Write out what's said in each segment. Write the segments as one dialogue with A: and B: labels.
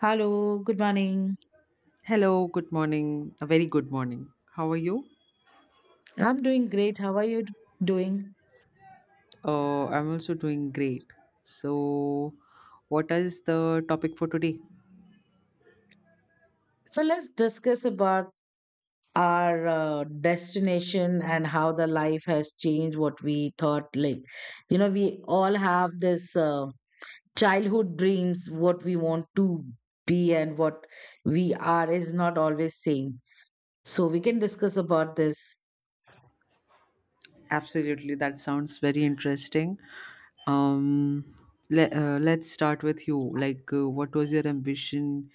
A: Hello, good morning.
B: Hello, good morning. A very good morning. How are you?
A: I'm doing great. How are you doing?
B: I'm also doing great. So, what is the topic for today?
A: So let's discuss about our destination and how the life has changed what we thought like you know we all have this childhood dreams what we want to be and what we are is not always same, so we can discuss about this.
B: Absolutely, that sounds very interesting. Um, let's start with you. Like, what was your ambition,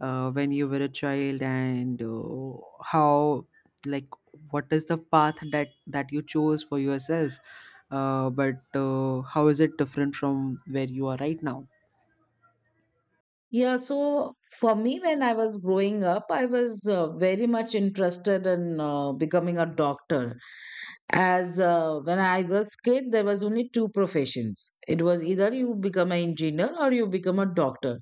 B: when you were a child, and, how, like, what is the path that you chose for yourself? But how is it different from where you are right now?
A: Yeah, so for me, when I was growing up, I was very much interested in becoming a doctor. As when I was kid, there was only two professions. It was either you become an engineer or you become a doctor.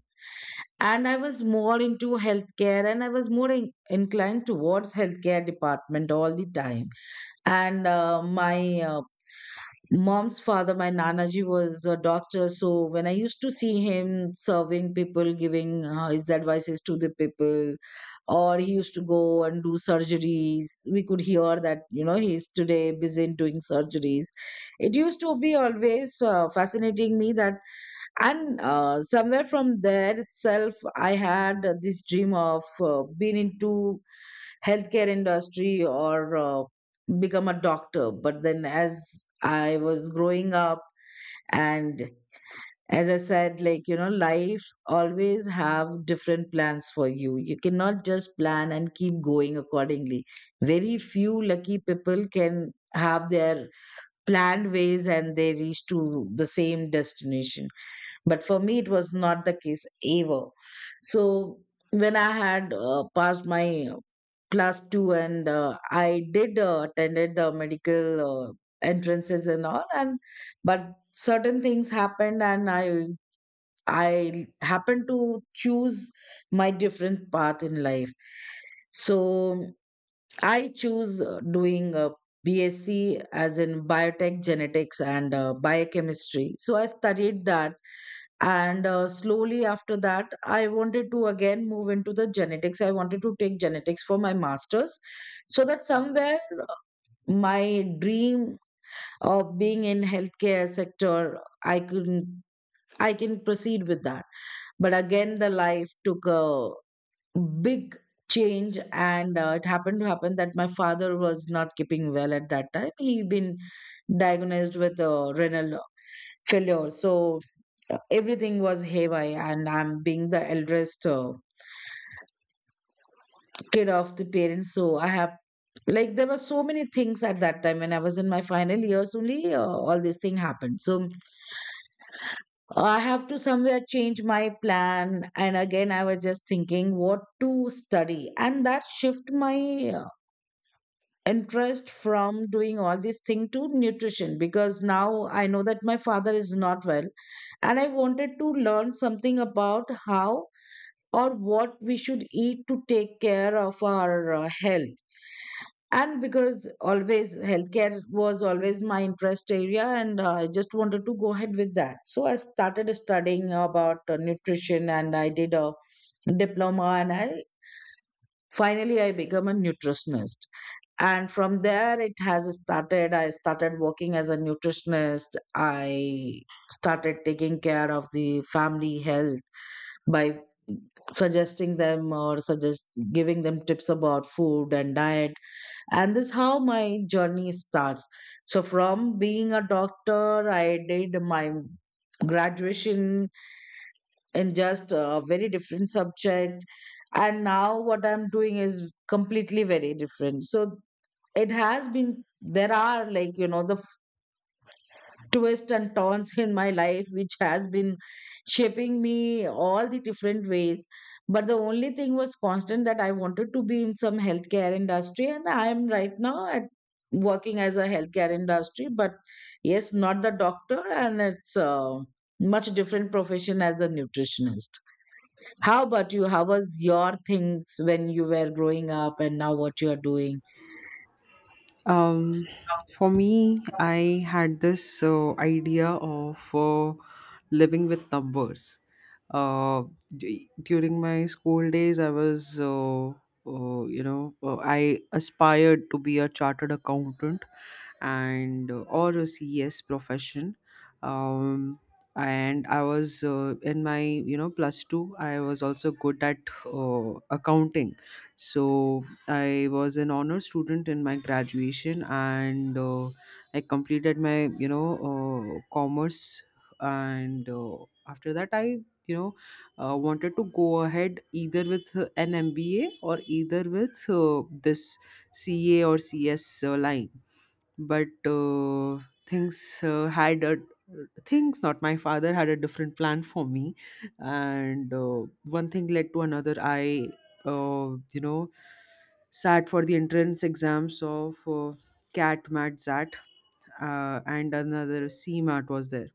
A: And I was more into healthcare, and I was more inclined towards healthcare department all the time. And my mom's father, my Nanaji, was a doctor. So when I used to see him serving people, giving his advices to the people, or he used to go and do surgeries, we could hear that, you know, he's today busy in doing surgeries. It used to be always fascinating me that. And somewhere from there itself, I had this dream of being into healthcare industry or become a doctor. But then as I was growing up and as I said, like, you know, life always have different plans for you. You cannot just plan and keep going accordingly. Very few lucky people can have their planned ways and they reach to the same destination, but for me it was not the case ever. So when I had passed my class 2 and I did attended the medical entrances and all. And but certain things happened and I happened to choose my different path in life. So I choose doing a BSc, as in biotech, genetics and biochemistry. So I studied that. And slowly after that, I wanted to again move into the genetics. I wanted to take genetics for my masters, so that somewhere my dream of being in healthcare sector, i can I can proceed with that. But again the life took a big change, and it happened to happen that my father was not keeping well at that time. He been diagnosed with renal failure. So everything was haywire, and I'm being the eldest kid of the parents. So I have, like, there were so many things at that time when I was in my final years only. All this thing happened. So I have to somewhere change my plan. And again, I was just thinking what to study, and that shift my uh, interest from doing all this thing to nutrition, because now I know that my father is not well, and I wanted to learn something about how or what we should eat to take care of our health. And because always healthcare was always my interest area, and I just wanted to go ahead with that. So I started studying about nutrition, and I did a diploma, and I finally I became a nutritionist. And from there it has started. I started working as a nutritionist. I started taking care of the family health by suggesting them, or suggest giving them tips about food and diet. And this how my journey starts. So from being a doctor, I did my graduation in just a very different subject, and now what I'm doing is completely very different. So it has been, there are, like, you know, the twists and turns in my life which has been shaping me all the different ways. But the only thing was constant, that I wanted to be in some healthcare industry, and I am right now at working as a healthcare industry, but yes, not the doctor, and it's a much different profession as a nutritionist. How about you? How was your things when you were growing up, and now what you are doing?
B: Um, for me, I had this idea of living with numbers, uh, during my school days I was I aspired to be a chartered accountant, and or a CES profession. um, and I was in my plus 2. I was also good at uh, accounting. So I was an honor student in my graduation, and I completed my you know commerce. And after that, I wanted to go ahead either with an MBA, or either with this CA or CS line. But things, had a things, not, my father had a different plan for me. And one thing led to another, I uh, you know sat for the entrance exams of CAT, MAT, ZAT, and another C CMAT was there.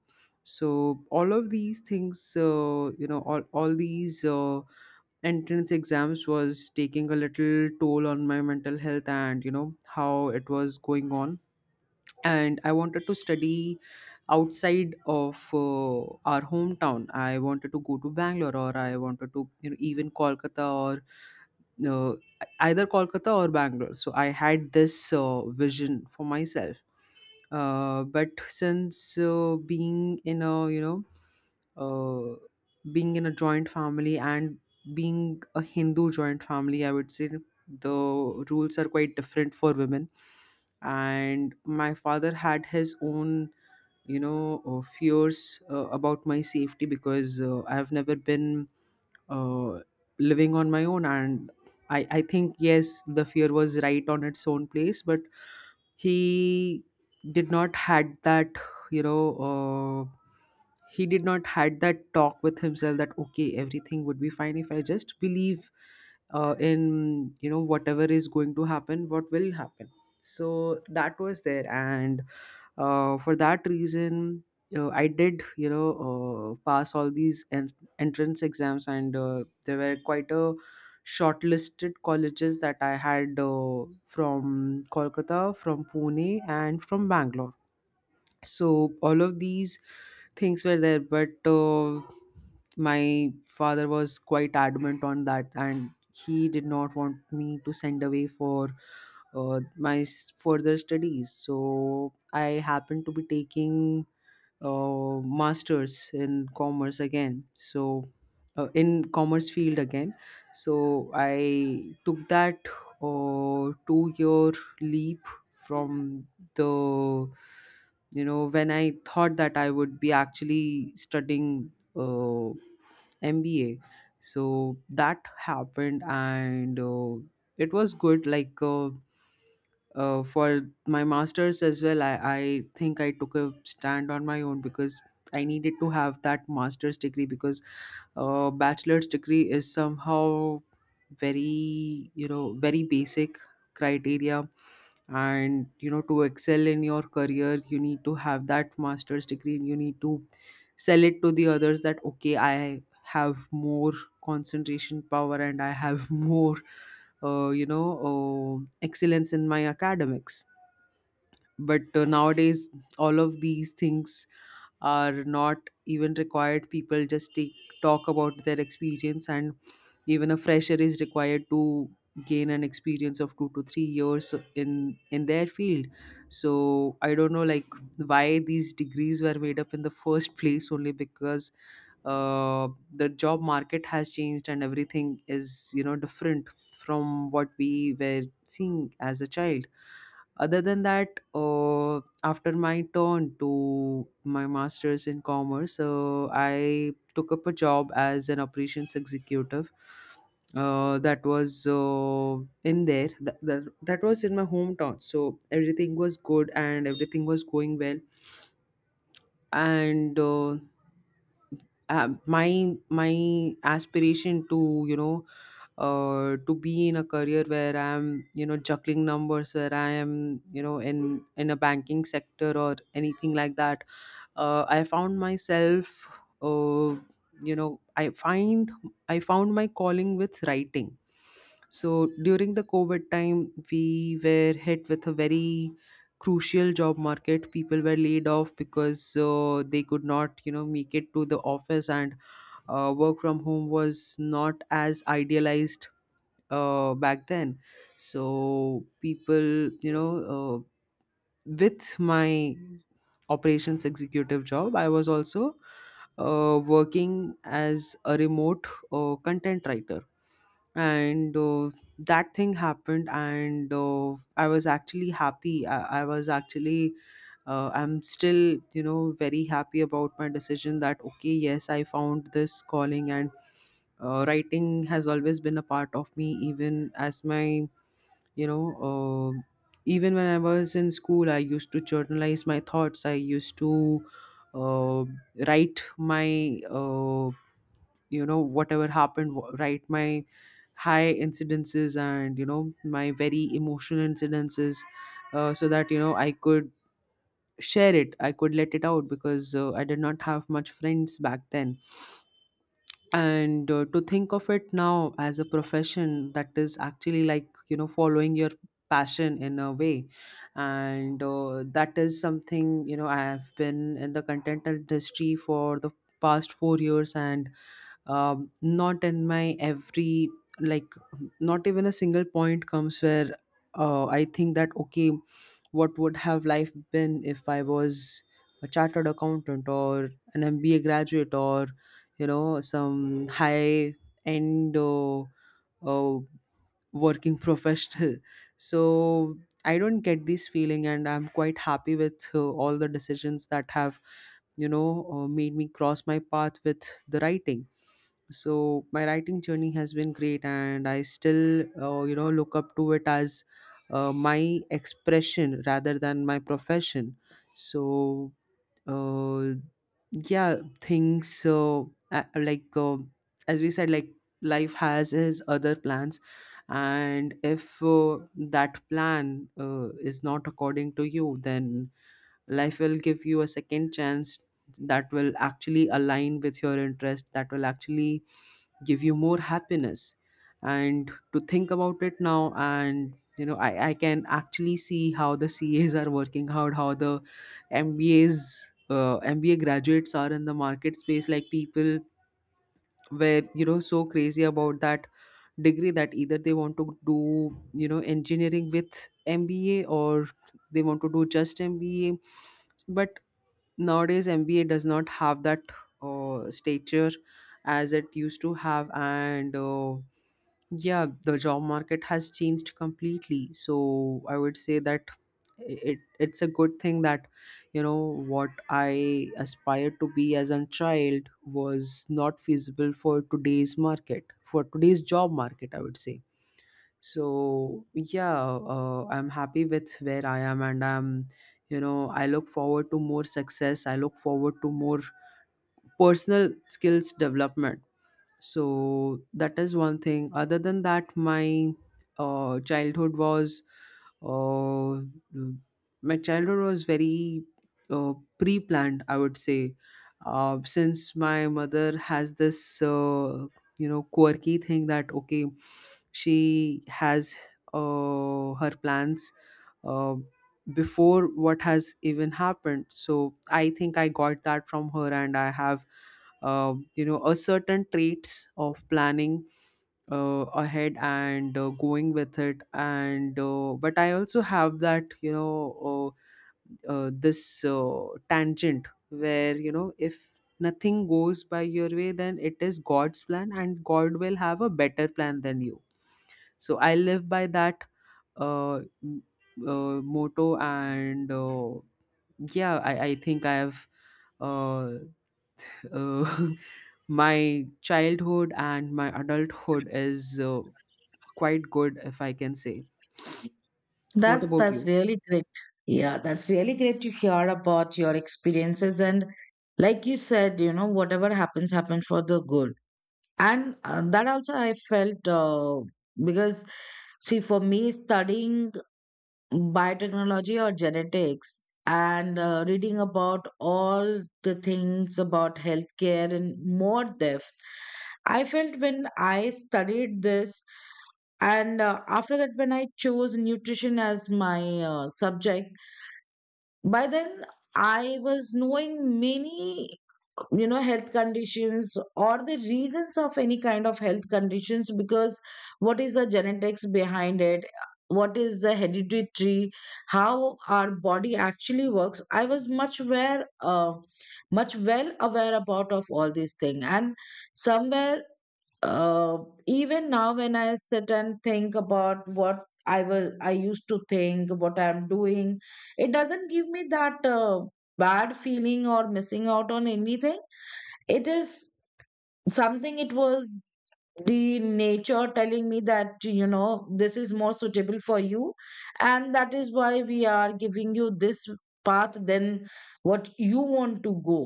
B: So all of these things, all these entrance exams was taking a little toll on my mental health, and, you know, how it was going on. And I wanted to study outside of our hometown. I wanted to go to Bangalore, or I wanted to, even Kolkata, or uh, either Kolkata or Bangalore. So I had this vision for myself. But since uh, being in a joint family, and being a Hindu joint family, I would say the rules are quite different for women. And my father had his own, fears about my safety, because I have never been uh, living on my own. And I think, yes, the fear was right on its own place, but he did not had that you know he did not had that talk with himself, that okay, everything would be fine if I just believe, in, whatever is going to happen, what will happen. So that was there. And for that reason, I did pass all these entrance exams. And there were quite a shortlisted colleges that I had from Kolkata, from Pune, and from Bangalore. So all of these things were there, but my father was quite adamant on that, and he did not want me to send away for my further studies. So I happened to be taking masters in commerce again. So in commerce field again. So I took that 2-year leap from the you know when I thought that I would be actually studying MBA. So that happened, and it was good, like, for my masters as well. I think I took a stand on my own, because I needed to have that master's degree, because bachelor's degree is somehow very, very basic criteria. And, to excel in your career, you need to have that master's degree, and you need to sell it to the others, that okay, I have more concentration power, and I have more, uh, you know excellence in my academics. But nowadays, all of these things are not even required. People just take talk about their experience, and even a fresher is required to gain an experience of 2 to 3 years in their field. So I don't know, like, why these degrees were made up in the first place only, because uh, the job market has changed, and everything is, different from what we were seeing as a child. Other than that, after my turn to my master's in commerce, I took up a job as an operations executive. That was in there. That was in my hometown. So everything was good, and everything was going well. And my aspiration to you know to be in a career where I'm, juggling numbers, where I am, in a banking sector or anything like that, I found myself, uh, you know i find I found my calling with writing. So during the COVID time, we were hit with a very crucial job market. People were laid off because they could not make it to the office, and work from home was not as idealized back then. So, people you know with my operations executive job, I was also working as a remote content writer. And that thing happened, and I was actually happy. I was actually I'm still very happy about my decision, that okay, yes, I found this calling. And writing has always been a part of me, even as my you know uh, even when I was in school I used to journalize my thoughts. I used to uh, write my uh, write my high incidences, and my very emotional incidences, so that I could share it, I could let it out, because I did not have much friends back then. And to think of it now as a profession, that is actually, like, following your passion in a way. And that is something, I have been in the content industry for the past 4 years, and not in my every like not even a single point comes where I think that okay, what would have life been if I was a chartered accountant, or an MBA graduate, or some high end, uh, working professional so I don't get this feeling, and I'm quite happy with all the decisions that have made me cross my path with the writing. So my writing journey has been great, and I still, look up to it as my expression rather than my profession. So, uh, yeah, things a- like as we said, like, life has his other plans, and if that plan is not according to you, then life will give you a second chance that will actually align with your interest, that will actually give you more happiness. And to think about it now, and I can actually see how the CAs are working out, how the mbas MBA graduates are in the market space, like people were, so crazy about that degree, that either they want to do, engineering with MBA, or they want to do just MBA. But nowadays, MBA does not have that stature as it used to have, and yeah, the job market has changed completely. So I would say that it's a good thing, that, you know what I aspired to be as a child was not feasible for today's market, for today's job market, I would say. So yeah, I'm happy with where I am, and I look forward to more success. I look forward to more personal skills development. So that is one thing. Other than that, uh, childhood was uh, my childhood was very pre-planned, I would say. Since my mother has this, quirky thing, that okay, she has her plans uh, before what has even happened. So I think I got that from her, and I have a certain traits of planning ahead, and going with it, and but I also have that, this tangent where, if nothing goes by your way, then it is god's plan, and god will have a better plan than you. So I live by that uh, m- motto, and yeah, I think I have, uh, uh, my childhood and my adulthood is quite good, if I can say. What about
A: That's
B: you?
A: really great. Yeah, that's really great to hear about your experiences. And like you said, you know, whatever happens happened for the good. And that also I felt because see, for me, studying biotechnology or genetics and reading about all the things about healthcare and more depth, I felt when I studied this, and after that, when I chose nutrition as my subject, by then I was knowing many, you know, health conditions or the reasons of any kind of health conditions, because what is the genetics behind it, what is the hereditary, how our body actually works. I was much aware much well aware about of all these things. And somewhere uh, even now when I sit and think about what I used to think what I'm doing, it doesn't give me that bad feeling or missing out on anything. It is something, it was the nature telling me that, you know, this is more suitable for you, and that is why we are giving you this path than what you want to go.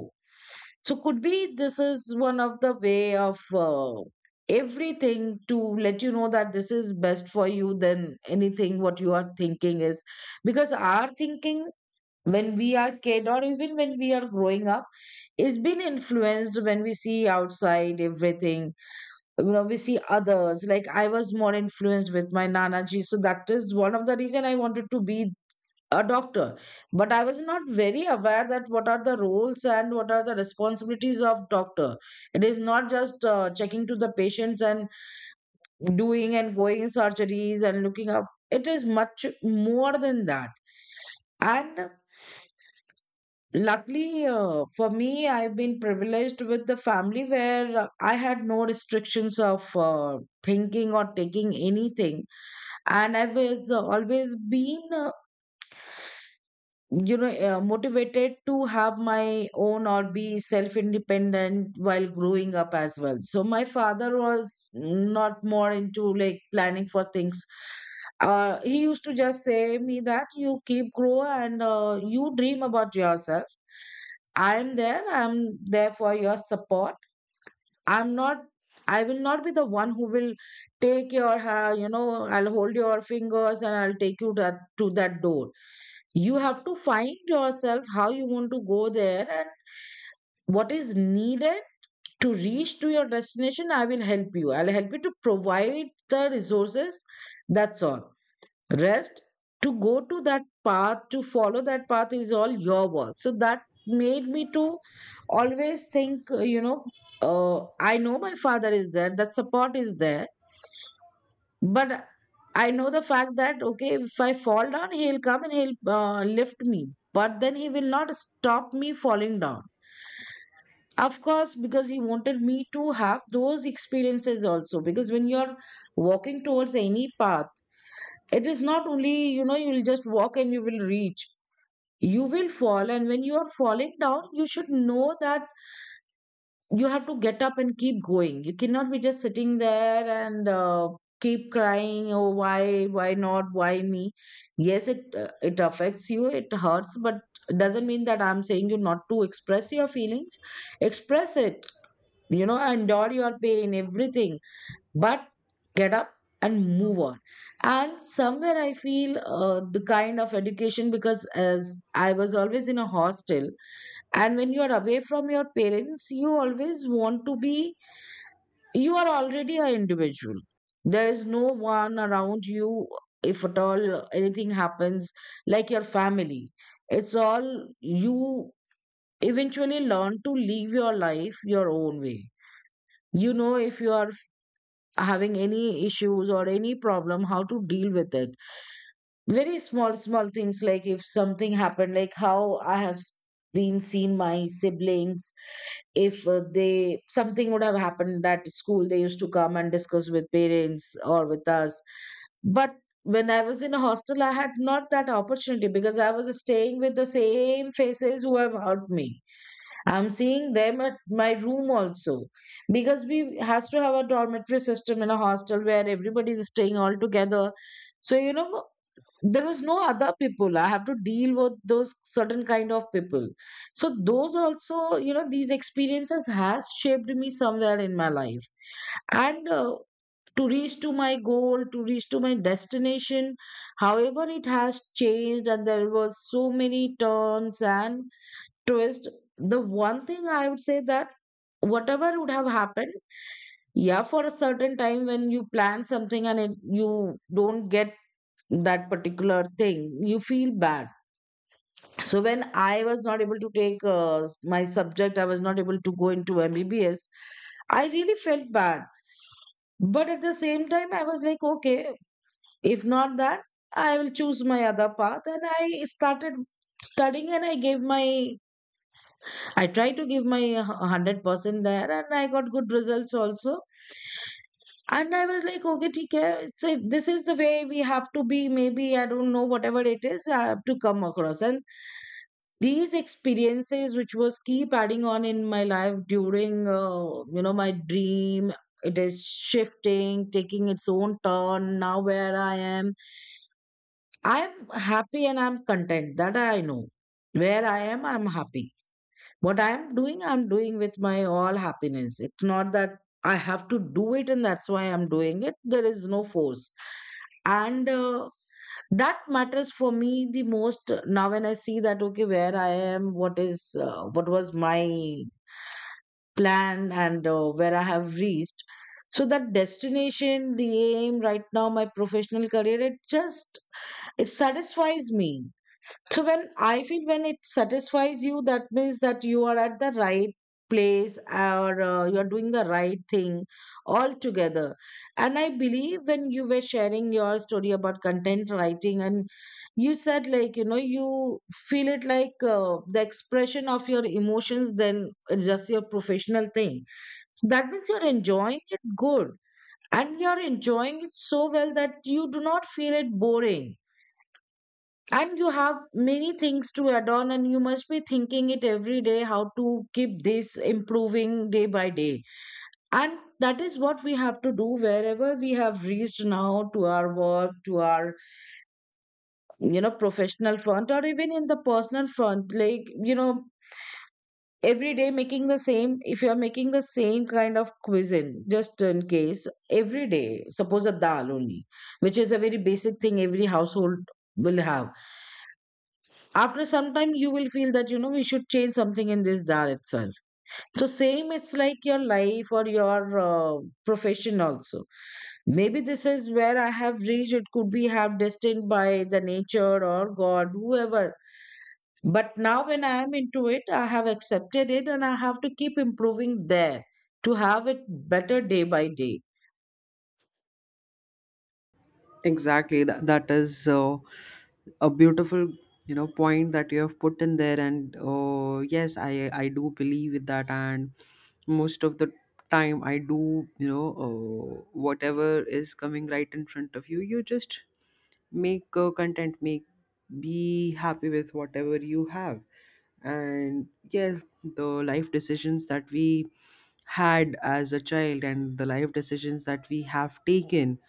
A: So could be this is one of the way of everything to let you know that this is best for you than anything what you are thinking is. Because our thinking, when we are kid or even when we are growing up, is been influenced when we see outside everything. You know, we see others. Like, I was more influenced with my Nanaji, so that is one of the reason I wanted to be a doctor. But I was not very aware that what are the roles and what are the responsibilities of doctor. It is not just checking to the patients and doing and going surgeries and looking up. It is much more than that. And luckily for me, I've been privileged with the family where I had no restrictions of thinking or taking anything. And I was always been you know motivated to have my own or be self independent while growing up as well. So my father was not more into, like, planning for things. Uh, he used to just say me that you keep grow, and you dream about yourself. I'm there for your support. I'm not, I will not be the one who will take your you know, I'll hold your fingers and I'll take you to that door. You have to find yourself how you want to go there and what is needed to reach to your destination. I will help you, I'll help you to provide the resources. That's all. Rest, to go to that path, to follow that path is all your work. So that made me to always think you know, I know my father is there, that support is there, but I know the fact that, okay, if I fall down, he'll come and he'll lift me. But then he will not stop me falling down. Of course, because he wanted me to have those experiences also. Because when you're walking towards any path, it is not only, you know, you'll just walk and you will reach. You will fall. And when you are falling down, you should know that you have to get up and keep going. You cannot be just sitting there and keep crying, oh, why not, why me. Yes, it it affects you, it hurts, but doesn't mean that I'm saying you not to express your feelings. Express it, you know, endure your pain, everything, but get up and move on. And somewhere I feel the kind of education, because as I was always in a hostel, and when you are away from your parents, you always want to be, you are already an individual. There is no one around you. If at all anything happens, like your family, it's all you. Eventually, learn to live your life your own way. You know, if you are having any issues or any problem, how to deal with it. Very small small things, like if something happened, like how I have been seen my siblings, if they something would have happened at school, they used to come and discuss with parents or with us. But when I was in a hostel, I had not that opportunity, because I was staying with the same faces who have hurt me. I'm seeing them at my room also, because we has to have a dormitory system in a hostel where everybody is staying all together. So, you know, there was no other people, I have to deal with those certain kind of people. So those also, you know, these experiences has shaped me somewhere in my life. And to reach to my goal, to reach to my destination, however it has changed, and there was so many turns and twists, the one thing I would say that whatever would have happened, yeah, for a certain time When you plan something and you don't get that particular thing, you feel bad. So when I was not able to take my subject, I was not able to go into MBBS, I really felt bad. But at the same time, I was like, okay, if not that, I will choose my other path, and I started studying. And I gave my, I tried to give my 100% there, and I got good results also. And I was like, okay, theek hai, it's this is the way we have to be. Maybe I don't know, whatever it is, I have to come across. And these experiences which was keep adding on in my life, during my dream, it is shifting, taking its own turn. Now where I am, I'm happy, and I'm content that I know where I am, I'm happy. What I am doing, I'm doing with my all happiness. It's not that I have to do it and that's why I'm doing it. There is no force. And that matters for me the most now, when I see that, okay, where I am, what was my plan and where I have reached. So that destination, the aim right now, my professional career, it satisfies me. So when I feel when it satisfies you, that means that you are at the right place or you are doing the right thing altogether. And I believe when you were sharing your story about content writing, and you said, like, you feel it like the expression of your emotions, then it's just your professional thing. So that means you're enjoying it good, and you're enjoying it so well that you do not feel it boring. And you have many things to add on, and you must be thinking it every day, how to keep this improving day by day. And that is what we have to do, wherever we have reached now, to our work, to our professional front, or even in the personal front, like you know every day making the same. If you are making the same kind of cuisine just in case every day, suppose a dal only, which is a very basic thing every household will have, after some time you will feel that we should change something in this dal itself. So same it's like your life or your profession also. Maybe this is where I have reached. It could be have destined by the nature or god, whoever, but now when I am into it, I have accepted it, and I have to keep improving there to have it better day by day.
B: Exactly. That is a beautiful point that you have put in there. And yes, I do believe with that. And most of the time, I do, whatever is coming right in front of you, you just make content, make be happy with whatever you have. And yes, the life decisions that we had as a child and the life decisions that we have taken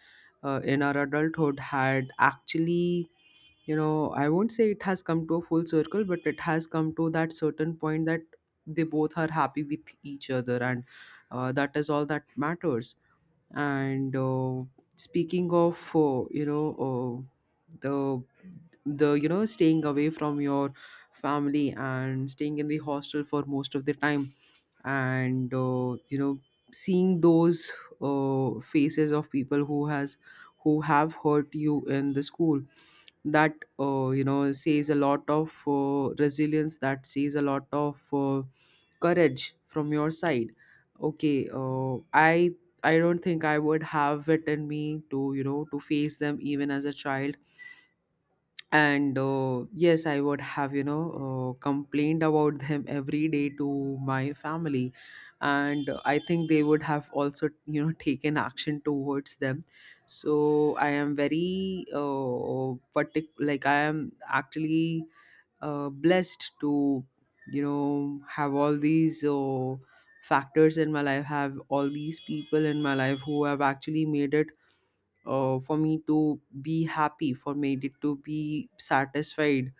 B: in our adulthood had actually, you know, I won't say it has come to a full circle, but it has come to that certain point that they both are happy with each other. And That is all that matters. And Speaking of, you know, the you know staying away from your family and staying in the hostel for most of the time, and you know, seeing those faces of people who has, who have hurt you in the school, that you know, says a lot of resilience, that says a lot of courage from your side. Okay, I don't think I would have it in me to, you know, to face them even as a child. And yes, I would have, you know, complained about them every day to my family, and I think they would have also, you know, taken action towards them. So I am very like I am actually blessed to, you know, have all these factors in my life, have all these people in my life who have actually made it for me to be happy, for me to be satisfied.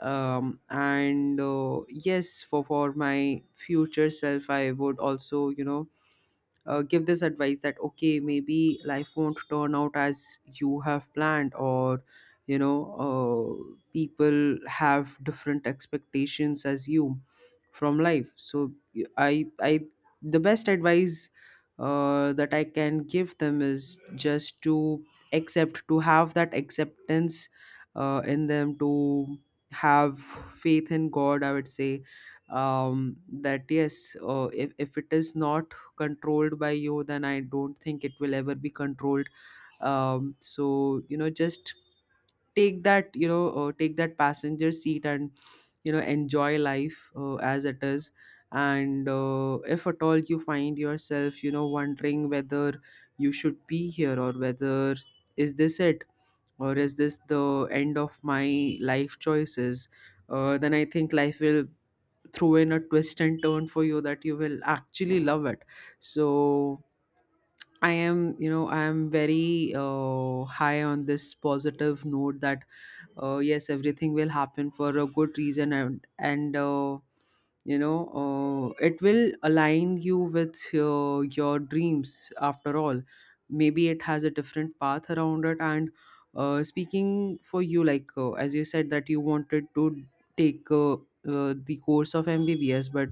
B: And Yes, for my future self, I would also, you know, give this advice that okay, maybe life won't turn out as you have planned, or, you know, people have different expectations as you from life. So I, the best advice that I can give them is just to accept, to have that acceptance in them, to have faith in god, I would say. That yes, if it is not controlled by you, then I don't think it will ever be controlled. So, you know, just take that, you know, take that passenger seat and, you know, enjoy life as it is. And if at all you find yourself, you know, wondering whether you should be here, or whether is this it, or is this the end of my life choices, then I think life will throw in a twist and turn for you that you will actually love it. So I am, you know, I am very high on this positive note that yes, everything will happen for a good reason. And you know, it will align you with your dreams after all. Maybe it has a different path around it. And speaking for you, like, as you said, that you wanted to take the course of MBBS, but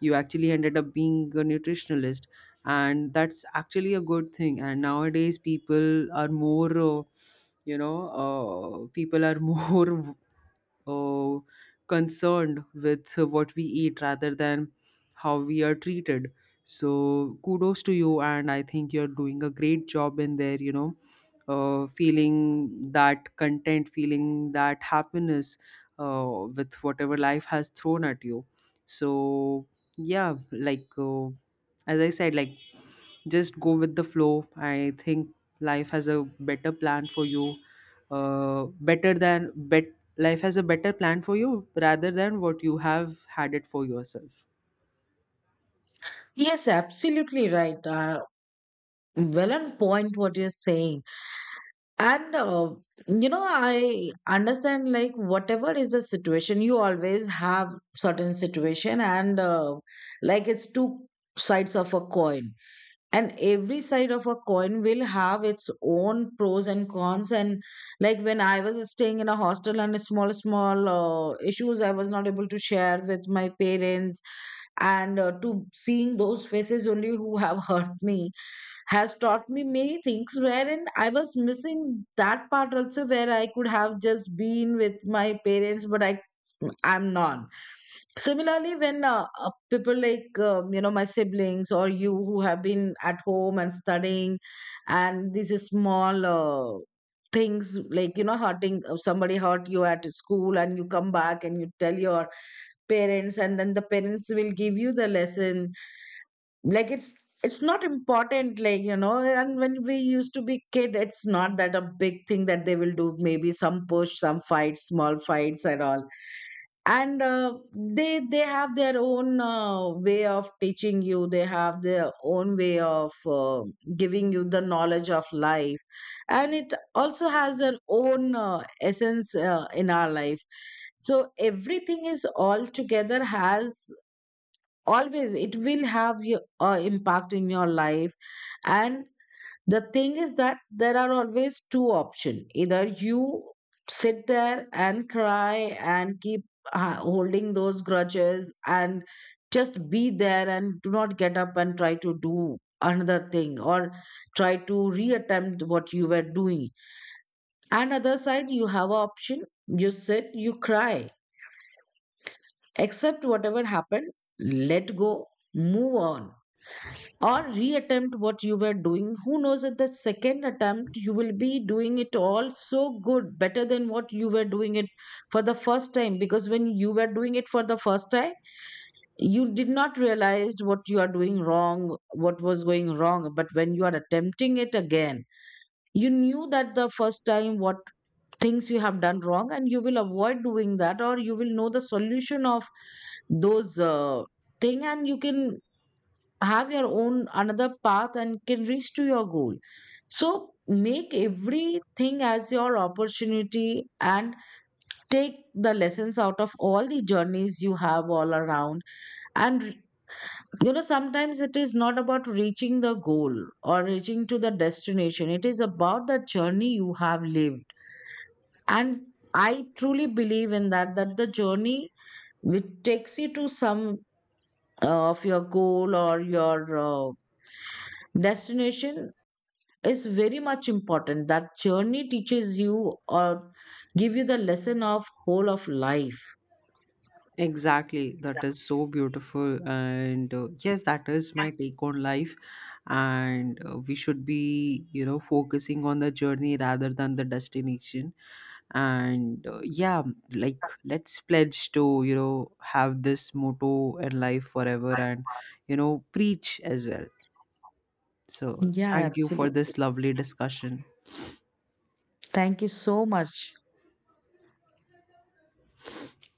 B: you actually ended up being a nutritionalist, and that's actually a good thing. And nowadays people are more, you know, people are more uh, concerned with what we eat rather than how we are treated. So kudos to you, and I think you're doing a great job in there, you know, feeling that content, feeling that happiness with whatever life has thrown at you. So yeah, like, as I said, like, just go with the flow. I think life has a better plan for you, better than bet. Life has a better plan for you rather than what you have had it for yourself.
A: Yes, absolutely right. Well, on point what you're saying. And I understand, like whatever is the situation, you always have certain situation, and like it's two sides of a coin, and every side of a coin will have its own pros and cons. And like when I was staying in a hostel, and small, small issues, I was not able to share with my parents. And to seeing those faces only who have hurt me has taught me many things, wherein I was missing that part also, where I could have just been with my parents, but I'm not. Similarly, when people like my siblings or you, who have been at home and studying, and these is small things, like hurting somebody hurt you at school and you come back and you tell your parents, and then the parents will give you the lesson. Like, it's not important, like, and when we used to be kid, it's not that a big thing that they will do. Maybe some push, some fights, small fights, and all. And they have their own way of teaching you. They have their own way of giving you the knowledge of life, and it also has their own essence in our life. So everything is all together has, always it will have your impact in your life. And the thing is that there are always two options: either you sit there and cry and keep holding those grudges and just be there and do not get up and try to do another thing, or try to reattempt what you were doing. And other side, you have a option: you sit, you cry, accept whatever happened, let go, move on, or reattempt what you were doing. Who knows, at the second attempt you will be doing it all so good, better than what you were doing it for the first time. Because when you were doing it for the first time, you did not realize what you are doing wrong, what was going wrong. But when you are attempting it again, you knew that the first time what things you have done wrong, and you will avoid doing that, or you will know the solution of those thing, and you can have your own another path and can reach to your goal. So make everything as your opportunity and take the lessons out of all the journeys you have all around. And sometimes it is not about reaching the goal or reaching to the destination, it is about the journey you have lived. And I truly believe in that, that the journey which takes you to some of your goal or your uh, destination is very much important. That journey teaches you or give you the lesson of whole of life.
B: Exactly, that is so beautiful. And yes, that is my take on life. And we should be, you know, focusing on the journey rather than the destination. And yeah, like, let's pledge to, you know, have this motto in life forever and, you know, preach as well. So,
A: Yeah,
B: thank you for
A: absolutely.
B: this lovely discussion.
A: Thank you so much.